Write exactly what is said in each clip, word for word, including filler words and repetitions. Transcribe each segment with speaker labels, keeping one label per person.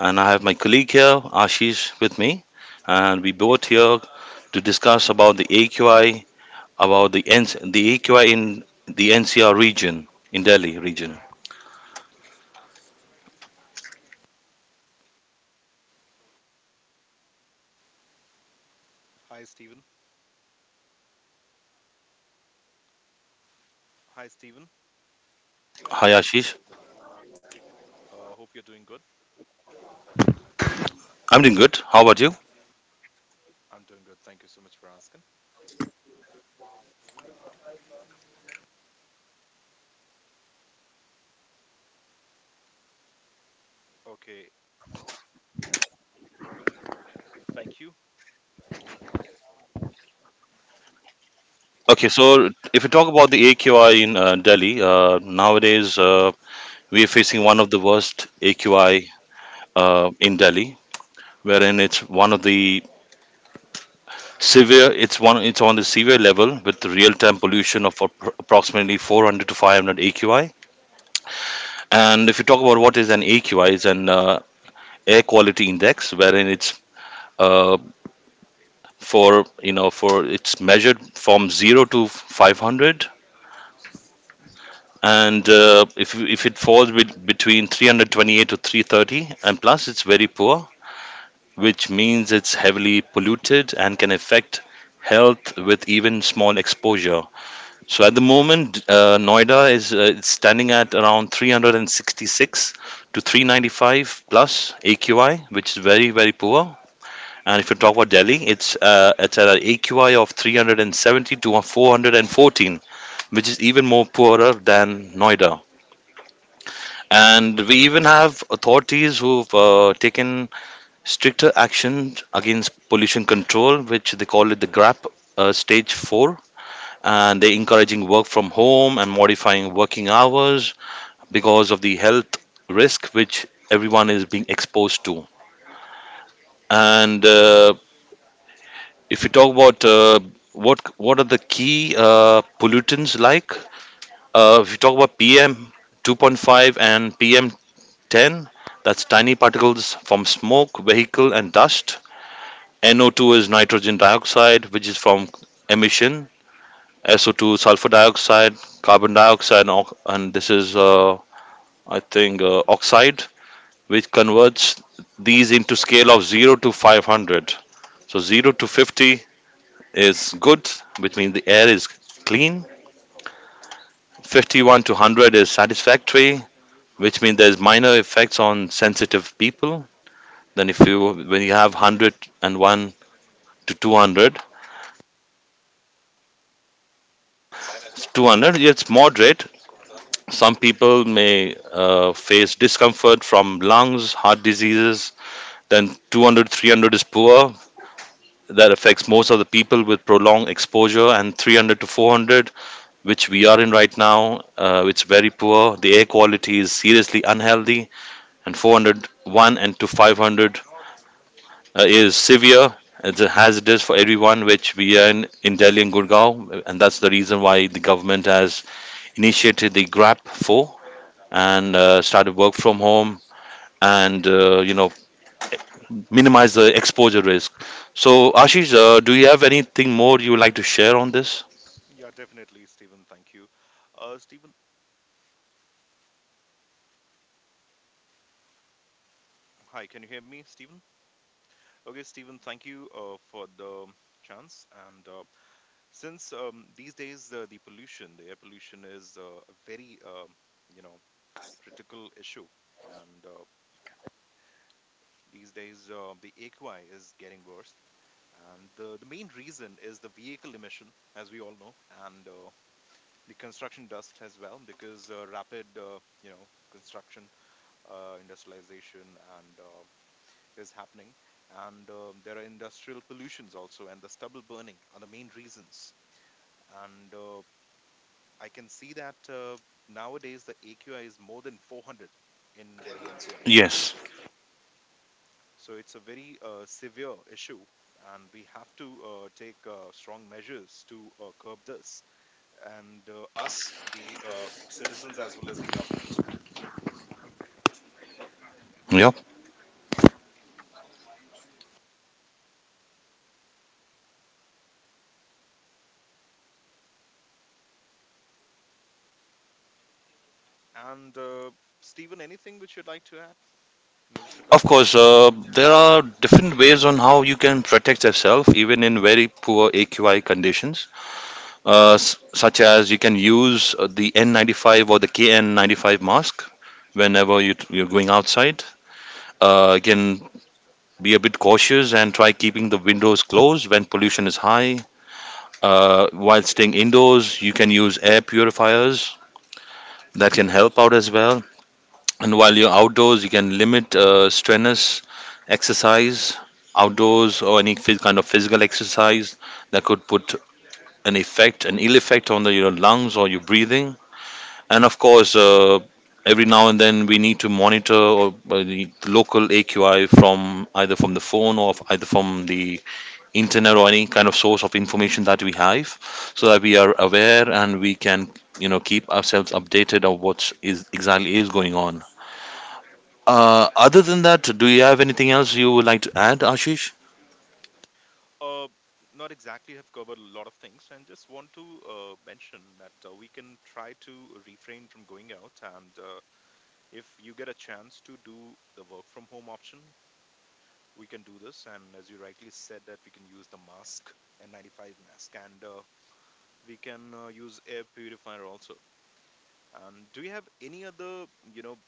Speaker 1: and I have my colleague here, Ashish, with me, and we both here to discuss about the A Q I, about the N- the A Q I in the N C R region, in Delhi region.
Speaker 2: Hi, Stephen. Hi, Stephen.
Speaker 1: Hi, Ashish.
Speaker 2: Uh, hope you're doing good.
Speaker 1: I'm doing good. How about you?
Speaker 2: I'm doing good. Thank you so much for asking. Okay, thank you.
Speaker 1: Okay, so if you talk about the A Q I in uh, Delhi, uh, nowadays uh, we are facing one of the worst A Q I uh, in Delhi, wherein it's one of the Severe, it's one, it's on the severe level with real-time pollution of appro- approximately four hundred to five hundred A Q I. And if you talk about what is an A Q I, it's an uh, air quality index, wherein it's uh, for you know for it's measured from zero to five hundred. And uh, if if it falls with between three hundred twenty-eight to three thirty and plus, it's very poor, which means it's heavily polluted and can affect health with even small exposure. So at the moment, uh, Noida is uh, it's standing at around three sixty-six to three ninety-five plus A Q I, which is very very poor. And if you talk about Delhi, it's uh, it's at an A Q I of three hundred seventy to four hundred fourteen, which is even more poorer than Noida. And we even have authorities who've uh, taken stricter action against pollution control, which they call it the GRAP uh, stage four, and they're encouraging work from home and modifying working hours because of the health risk which everyone is being exposed to. And uh, if you talk about uh, what what are the key uh, pollutants like, uh, if you talk about P M two point five and P M ten, that's tiny particles from smoke, vehicle, and dust. N O two is nitrogen dioxide, which is from emission. S O two sulfur dioxide, carbon dioxide, and ox- and this is uh, I think uh, oxide, which converts these into scale of zero to five hundred. So zero to fifty is good, which means the air is clean. fifty-one to one hundred is satisfactory, which means there's minor effects on sensitive people. Then if you when you have one hundred one to two hundred, two hundred it's moderate. Some people may uh, face discomfort from lungs, heart diseases. Then 200 300 is poor, that affects most of the people with prolonged exposure. And three hundred to four hundred, which we are in right now, uh, it's very poor, the air quality is seriously unhealthy. And four oh one and to five hundred, uh, is severe, it's a hazardous for everyone, which we are in, in Delhi and Gurgaon, and that's the reason why the government has initiated the GRAP four and uh, started work from home and uh, you know minimize the exposure risk. So Ashish, uh, do you have anything more you would like to share on this?
Speaker 2: Yeah, definitely, Stephen. Thank you. Uh, Stephen, hi, can you hear me, Stephen? Okay, Stephen, thank you uh, for the chance. And uh, since um, these days, uh, the pollution, the air pollution is uh, a very, um you know, critical issue. And uh, these days, uh, the A Q I is getting worse. And the, the main reason is the vehicle emission, as we all know. And uh, the construction dust as well, because uh, rapid uh, you know construction, uh, industrialization and uh, is happening, and um, there are industrial pollutions also, and the stubble burning are the main reasons. And uh, I can see that uh, nowadays the AQI is more than four hundred in Delhi NCR.
Speaker 1: Yes.
Speaker 2: So it's a very uh, severe issue, and we have to uh, take uh, strong measures to uh, curb this, and uh, us, the uh, citizens, as well as the government.
Speaker 1: Yeah.
Speaker 2: And uh, Stephen, anything which you'd like to add in this
Speaker 1: Of
Speaker 2: regard?
Speaker 1: course, uh, there are different ways on how you can protect yourself even in very poor A Q I conditions, uh, s- such as you can use uh, the N ninety-five or the K N ninety-five mask whenever you t- you're going outside. Uh, again, be a bit cautious and try keeping the windows closed when pollution is high. Uh, while staying indoors, you can use air purifiers that can help out as well. And while you're outdoors, you can limit uh, strenuous exercise outdoors, or any phys- kind of physical exercise that could put an effect, an ill effect on the, your lungs or your breathing. And of course, uh, every now and then we need to monitor or, uh, the local A Q I from either from the phone or f- either from the internet or any kind of source of information that we have, so that we are aware and we can you know keep ourselves updated of what is exactly is going on. Uh, other than that, do you have anything else you would like to add, Ashish?
Speaker 2: Uh, Not exactly, have covered a lot of things, and just want to uh, mention that uh, we can try to refrain from going out. And uh, if you get a chance to do the work from home option, we can do this. And as you rightly said, that we can use the mask, N ninety-five mask, and uh, we can uh, use air purifier also. And do you have any other, you know,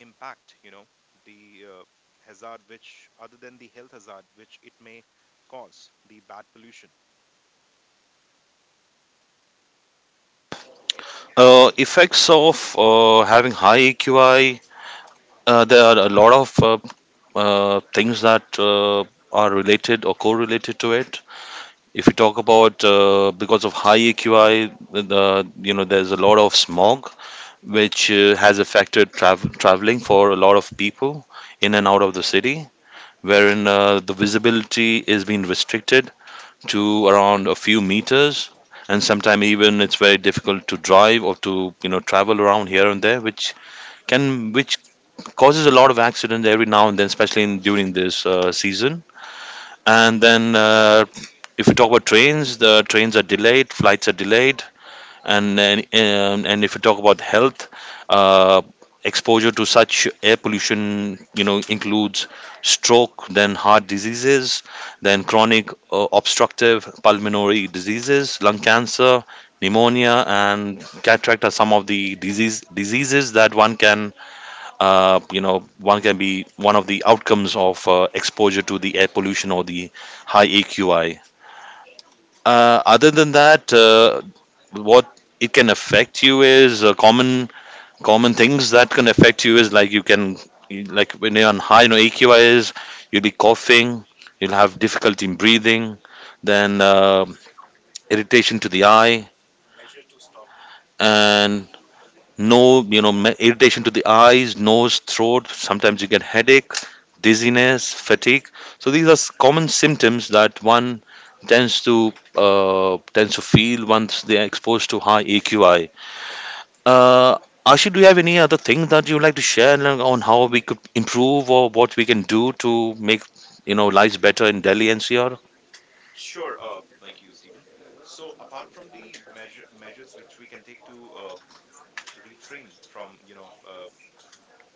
Speaker 2: impact, you know the uh, hazard, which other than the health hazard which it may cause, the bad pollution?
Speaker 1: Uh, effects of uh, having high A Q I. Uh, there are a lot of uh, uh, things that uh, are related or correlated to it. If you talk about uh, because of high A Q I, the, you know there's a lot of smog, which uh, has affected trav- traveling for a lot of people in and out of the city, wherein uh, the visibility is being restricted to around a few meters, and sometimes even it's very difficult to drive or to you know travel around here and there, which can which causes a lot of accidents every now and then, especially in, during this uh, season. And then uh, if we talk about trains, the trains are delayed, flights are delayed. And then um, and if you talk about health, uh, exposure to such air pollution you know includes stroke, then heart diseases, then chronic uh, obstructive pulmonary diseases, lung cancer, pneumonia, and cataract are some of the disease diseases that one can uh, you know one can be one of the outcomes of uh, exposure to the air pollution or the high A Q I. Uh, other than that, uh, what it can affect you is uh, common common things that can affect you is like you can like when you're on high you know AQI is, you'll be coughing, you'll have difficulty in breathing, then uh, irritation to the eye and no you know ma- irritation to the eyes, nose, throat, sometimes you get headache, dizziness, fatigue. So these are s- common symptoms that one tends to uh, tends to feel once they are exposed to high AQI. Uh, Ashu, do you have any other thing that you would like to share, like, on how we could improve or what we can do to make you know lives better in Delhi N C R?
Speaker 2: Sure. Uh, thank you, Stephen. So apart from the measure, measures which we can take to uh, refrain from, you know uh,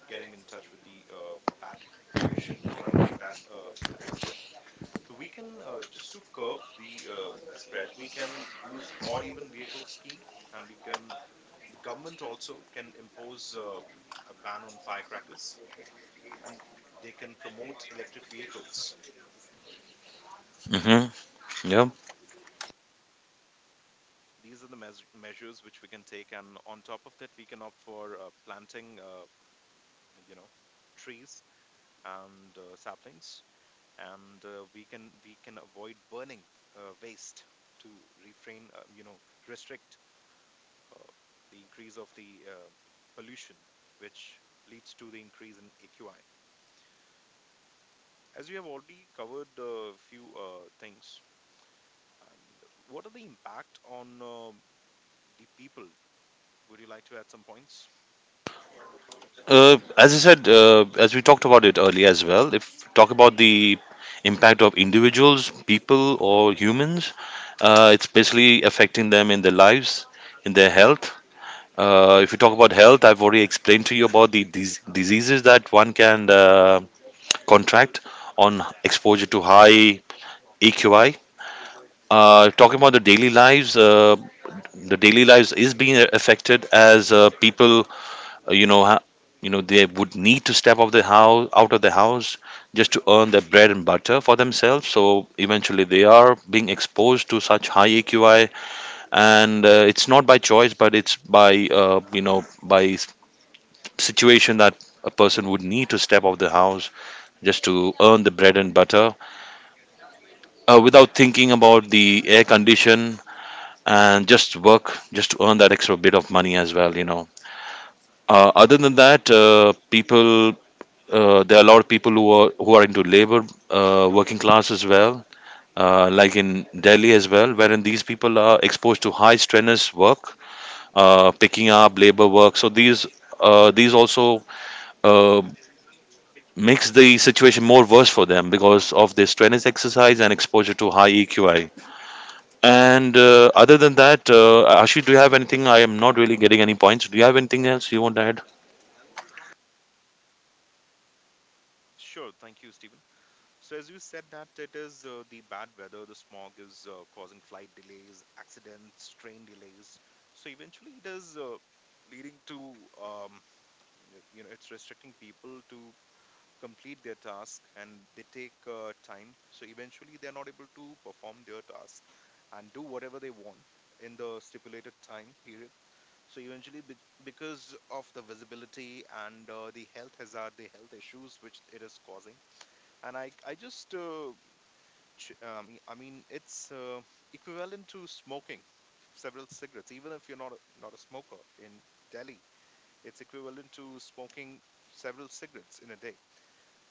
Speaker 2: getting in touch with the uh, bad pollution, you know the bad uh, atmosphere. So we can, uh, just to curb the uh, spread, we can use odd even vehicle scheme. And we can, the government also can impose uh, a ban on firecrackers, and they can promote electric vehicles, right?
Speaker 1: Mm-hmm. Yeah.
Speaker 2: These are the meas measures which we can take, and on top of that, we can opt for uh, planting, uh, you know, trees and uh, saplings, and uh, we can we can avoid burning uh, waste, to refrain, uh, you know, restrict uh, the increase of the uh, pollution, which leads to the increase in A Q I. As we have already covered a few uh, things, and what are the impact on um the people? Would you like to add some points?
Speaker 1: Uh, as I said, uh, as we talked about it earlier as well, if talk about the impact of individuals, people, or humans, uh, it's basically affecting them in their lives, in their health. Uh, if you talk about health, I've already explained to you about the dis- diseases that one can uh, contract on exposure to high E Q I. Uh, talking about the daily lives, uh, the daily lives is being affected as uh, people, uh, you know, ha- you know, they would need to step out of the house, out of the house, just to earn their bread and butter for themselves. So eventually, they are being exposed to such high AQI, and uh, it's not by choice, but it's by, uh, you know, by s- situation that a person would need to step out of the house just to earn the bread and butter uh, without thinking about the air condition and just work just to earn that extra bit of money as well you know. Uh, other than that, uh, people, uh, there are a lot of people who are who are into labor, uh, working class as well, uh, like in Delhi as well, wherein these people are exposed to high strenuous work, uh, picking up labor work. So these uh, these also uh, makes the situation more worse for them because of their strenuous exercise and exposure to high E Q I. And uh, other than that, uh, Ashish, do you have anything? I am not really getting any points. Do you have anything else you want to add?
Speaker 2: Sure. Thank you, Stephen. So, as you said, that it is uh, the bad weather, the smog is uh, causing flight delays, accidents, train delays. So, eventually, it is uh, leading to, um, y- you know, it's restricting people to complete their task, and they take uh, time. So, eventually, they're not able to perform their task and do whatever they want in the stipulated time period. So eventually, be- because of the visibility and uh, the health hazard, the health issues which it is causing, and I, I just, uh, ch- um, I mean, it's uh, equivalent to smoking several cigarettes, even if you're not a, not a smoker, in Delhi, it's equivalent to smoking several cigarettes in a day.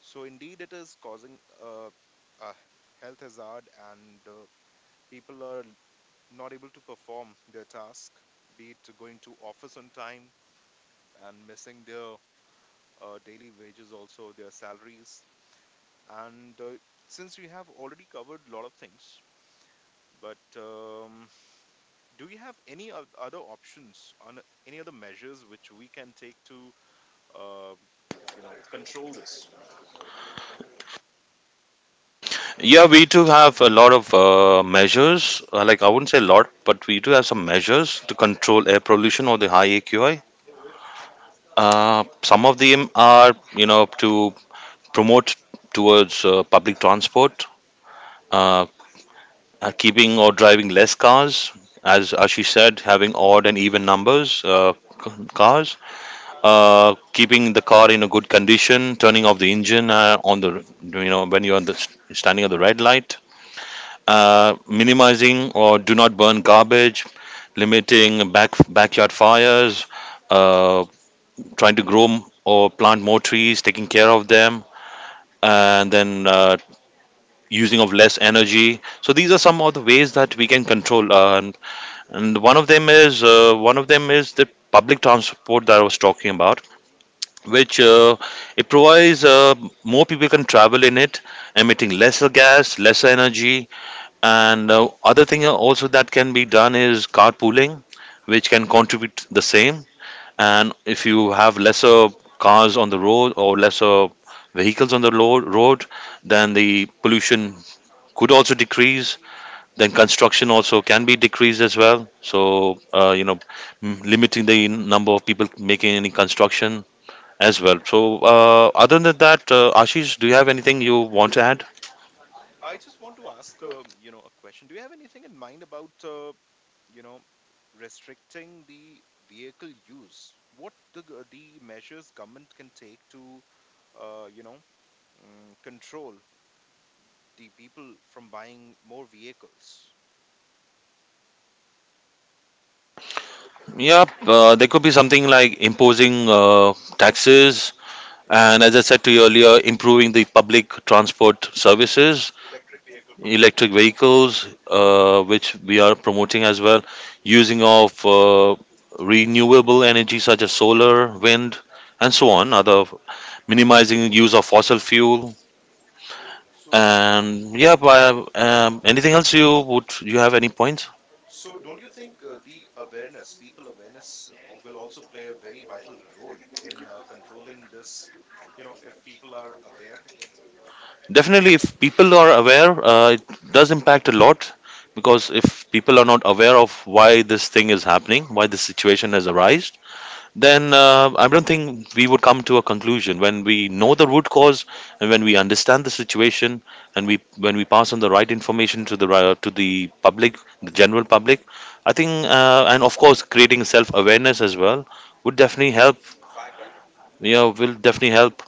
Speaker 2: So indeed, it is causing uh, a health hazard, and uh, people are not able to perform their task, be it going to office on time and missing their uh, daily wages, also their salaries. And uh, since we have already covered a lot of things, but um, do we have any o- other options on any other measures which we can take to, uh, you know, control this?
Speaker 1: Yeah, we do have a lot of uh, measures. Uh, like I wouldn't say a lot, but we do have some measures to control air pollution or the high A Q I. Uh, some of them are, you know, to promote towards uh, public transport, uh, uh, keeping or driving less cars, as Ashish said, having odd and even numbers uh, c- cars, uh, keeping the car in a good condition, turning off the engine uh, on the you know when you are the, standing at the red light, uh, minimizing or do not burn garbage, limiting back backyard fires, uh, trying to grow m- or plant more trees, taking care of them, and then. Uh, using of less energy. So these are some of the ways that we can control uh, and, and one of them is uh, one of them is the public transport that I was talking about, which uh, it provides, uh, more people can travel in it, emitting lesser gas, lesser energy. And uh, other thing also that can be done is carpooling, which can contribute the same. And if you have lesser cars on the road or lesser vehicles on the lo- road, then the pollution could also decrease. Then construction also can be decreased as well. So uh, you know m- limiting the number of people making any construction as well. So, uh, other than that, uh, Ashish, do you have anything you want to add?
Speaker 2: I just want to ask, um, you know, a question. Do you have anything in mind about, uh, you know, restricting the vehicle use? What the g- the measures government can take to, uh, you know, mm, control the people from buying more vehicles.
Speaker 1: Yep, uh, there could be something like imposing uh, taxes, and as I said to you earlier, improving the public transport services, electric vehicles, uh, which we are promoting as well, using of uh, renewable energy such as solar, wind, and so on. Other minimizing use of fossil fuel,
Speaker 2: So,
Speaker 1: and yeah, by, um, anything else you would you have any points?
Speaker 2: so don't you think uh, the awareness, people awareness, uh, will also play a very vital role in uh, controlling this? You know, if people are aware.
Speaker 1: Definitely, if people are aware, uh, it does impact a lot because if people are not aware of why this thing is happening, why this situation has arisen, then uh, I don't think we would come to a conclusion. When we know the root cause and when we understand the situation and we when we pass on the right information to the ri- to the public, the general public, I think, uh, and of course, creating self awareness as well would definitely help. You know, will definitely help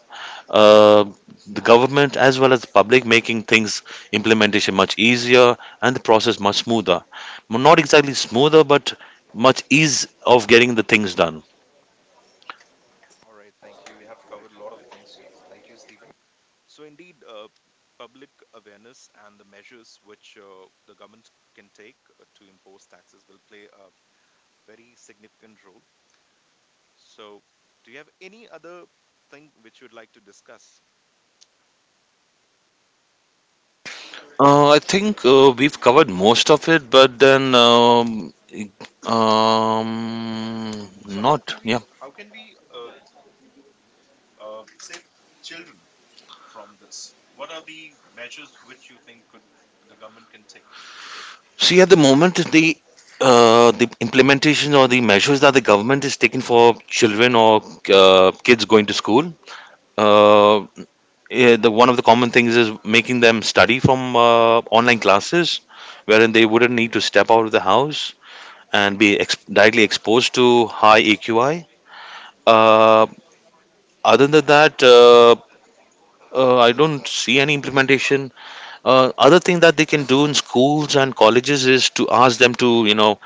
Speaker 1: uh, the government as well as the public making things implementation much easier and the process much smoother, not exactly smoother but much ease of getting the things done.
Speaker 2: All right, thank you. You have covered a lot of things here. Thank you, Stephen. So, indeed, uh, public awareness and the measures which uh, the government can take uh, to impose taxes will play a very significant role. So, do you have any other thing which you would like to discuss?
Speaker 1: Uh, i think uh, we've covered most of it, but then um, um,
Speaker 2: So how
Speaker 1: not,
Speaker 2: can
Speaker 1: yeah.
Speaker 2: we how can we uh, uh, save children from this? What are the measures which you think could the government can take?
Speaker 1: See, at the moment, the uh, the implementation or the measures that the government is taking for children or uh, kids going to school, uh, eh, the one of the common things is making them study from uh, online classes, wherein they wouldn't need to step out of the house and be ex- directly exposed to high A Q I. Uh, other than that, uh, uh, I don't see any implementation. Uh, other thing that they can do in schools and colleges is to ask them to, you know,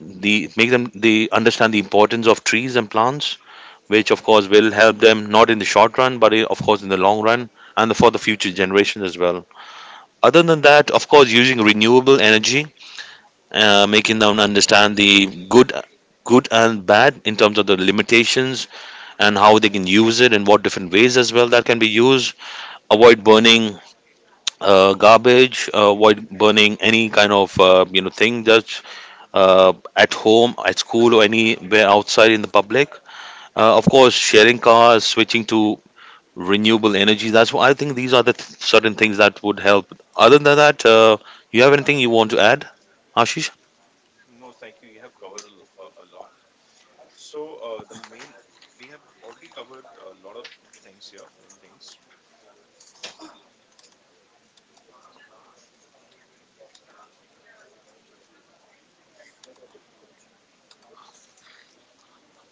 Speaker 1: the make them they understand the importance of trees and plants, which of course will help them not in the short run, but eh, of course in the long run and for the future generations as well. Other than that, of course, using renewable energy, uh, making them understand the good, good and bad in terms of the limitations and how they can use it and what different ways as well that can be used. Avoid burning uh, garbage. Uh, avoid burning any kind of uh, you know thing that's uh, at home, at school, or anywhere outside in the public. Uh, of course, sharing cars, switching to renewable energy. That's why I think, these are the th- certain things that would help. Other than that, uh, you have anything you want to add, Ashish?
Speaker 2: No, thank you. You have covered a, l- a- a lot. So uh, the main, we have already covered a lot of things here, main things.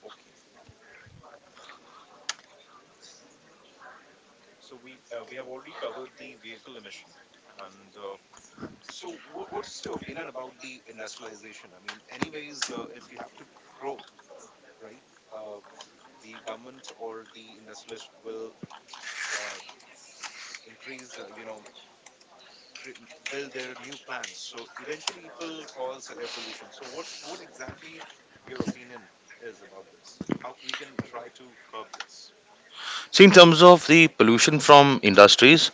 Speaker 2: Okay. So we uh, we have already covered the vehicle emission. And uh, so, wh- what's your opinion about the industrialization? I mean, anyways, uh, if you have to grow, right? Uh, f- the government or the industrialist will uh, increase, uh, you know, cre- build their new plants. So eventually, it will cause air pollution. So what what exactly your opinion is about this? How we can try to curb this?
Speaker 1: So, in terms of the pollution from industries,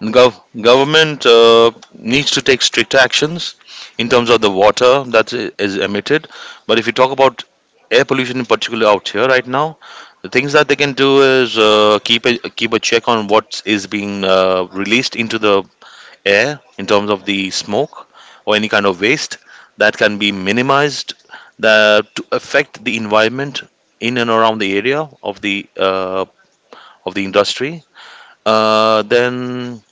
Speaker 1: gov- government uh, needs to take strict actions in terms of the water that i- is emitted. But if you talk about air pollution in particular out here right now, the things that they can do is uh, keep a, keep a check on what is being uh, released into the air in terms of the smoke or any kind of waste that can be minimized, that to affect the environment in and around the area of the uh, of the industry, uh, then,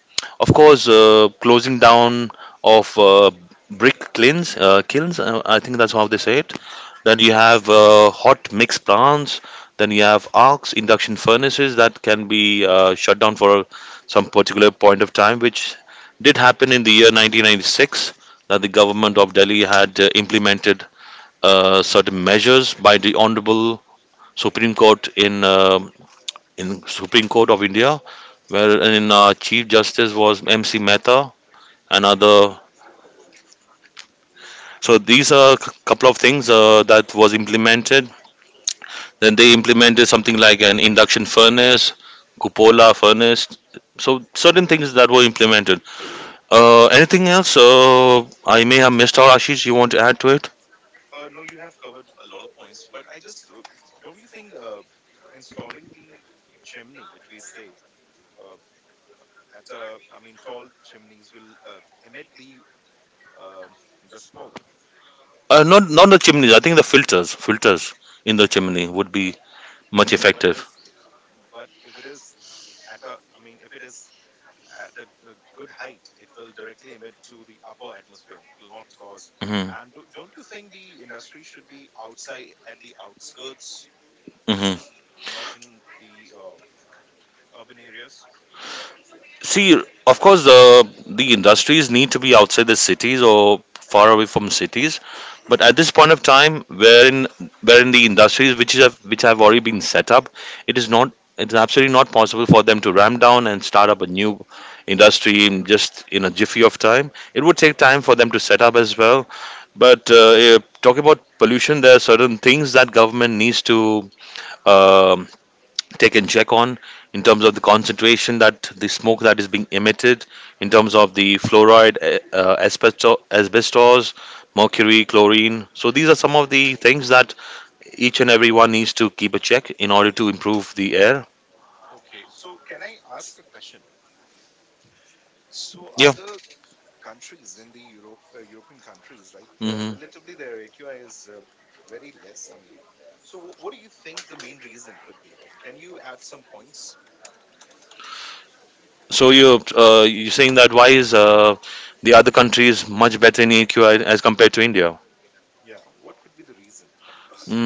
Speaker 1: of course, uh, closing down of uh, brick kilns, uh, kilns. Uh, I think that's how they say it. Then you have uh, hot mix plants. Then you have arcs, induction furnaces that can be uh, shut down for some particular point of time, which did happen in the year nineteen ninety-six. That the government of Delhi had uh, implemented uh, certain measures by the Honorable Supreme Court in uh, in Supreme Court of India, wherein uh, Chief Justice was M C. Mehta. Another. So these are a couple of things uh, that
Speaker 2: Yeah. Uh, no, you have covered a lot of points, but I just uh, don't you think uh, installing the chimney, which we say uh, at uh, I mean tall chimneys will uh, emit the um the smoke. But if but if it is at a I mean if it is at a, a good height, it will directly emit to the upper atmosphere, it will not cause. And do, don't you think the industry should be outside at the outskirts, not in the uh, urban areas? Okay, so can I ask a question? So other countries in the europe uh, European countries, right? Uh, relatively, their AQI is uh, very less. I mean so wh- what do you think the main reason could be? Can you add some points? Yeah, what could be the reason behind this?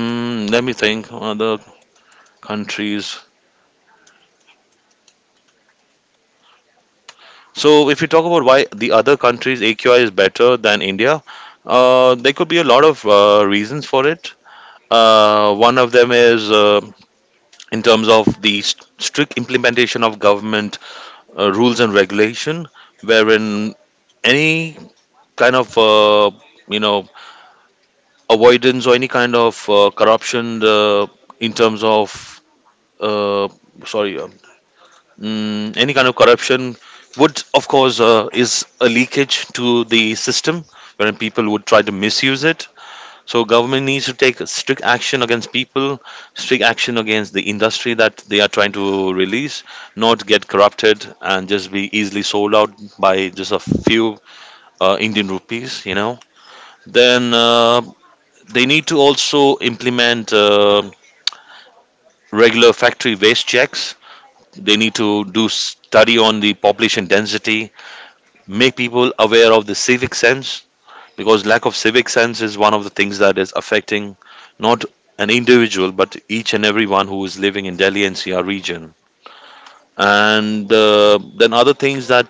Speaker 2: So,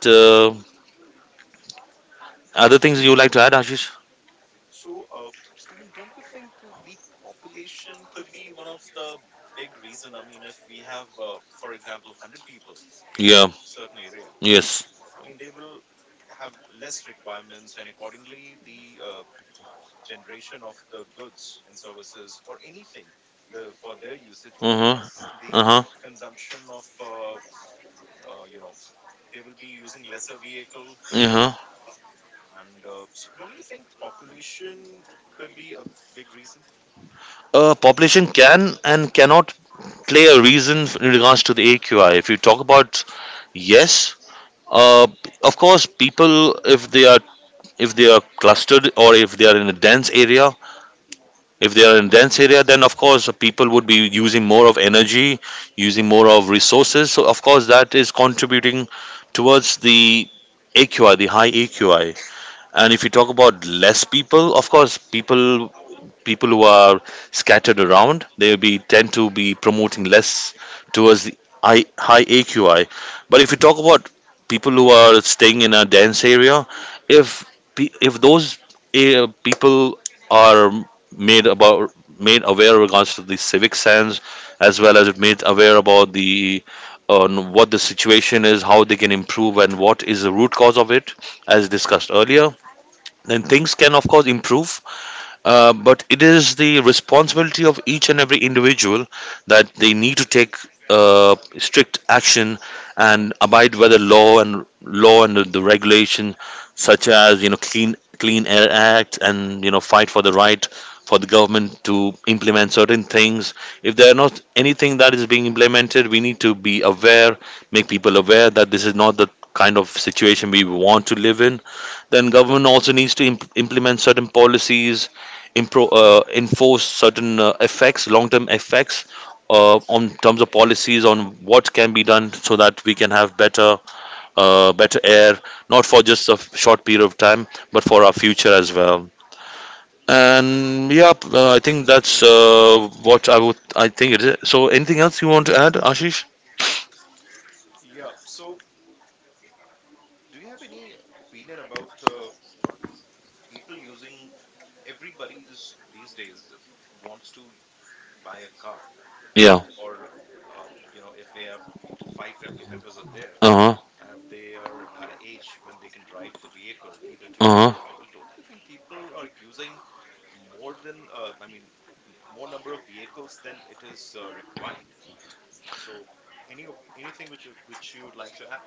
Speaker 2: so uh, Stephen, don't you think uh, the population could be one of the big reason? I mean, if we have, uh, for example, one hundred people in a certain area. I mean, they will have less requirements, and accordingly, the uh, generation of the goods and services or anything, the for their usage will be less. The consumption of, uh, uh, you know, they will be using lesser vehicle. And uh, so don't you think population could be a big reason? Yeah. So do you have any opinion about uh, people using, everybody's these days wants to buy a car, or uh, you know if they have five family members are there, and if they are at an age when they can drive the vehicle, either two wheeler or four-wheel, don't you think people are using more than uh, i mean m- more number of vehicles than it is uh, required? So, any op- anything which you, which you would like to add?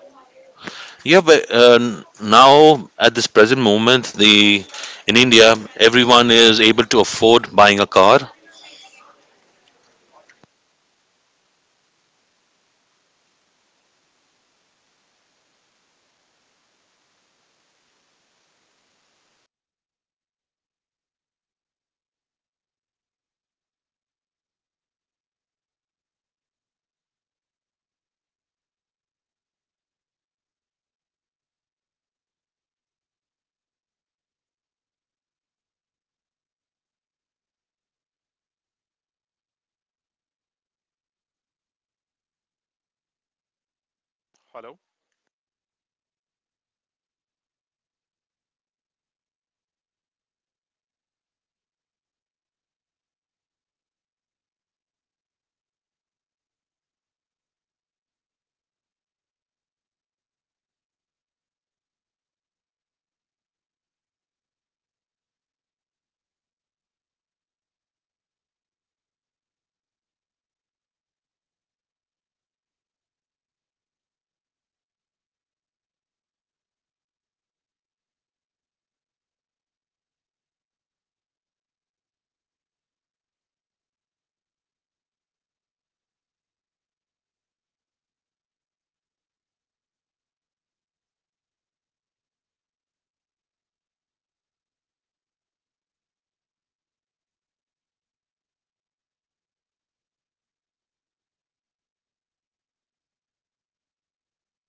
Speaker 2: Hello.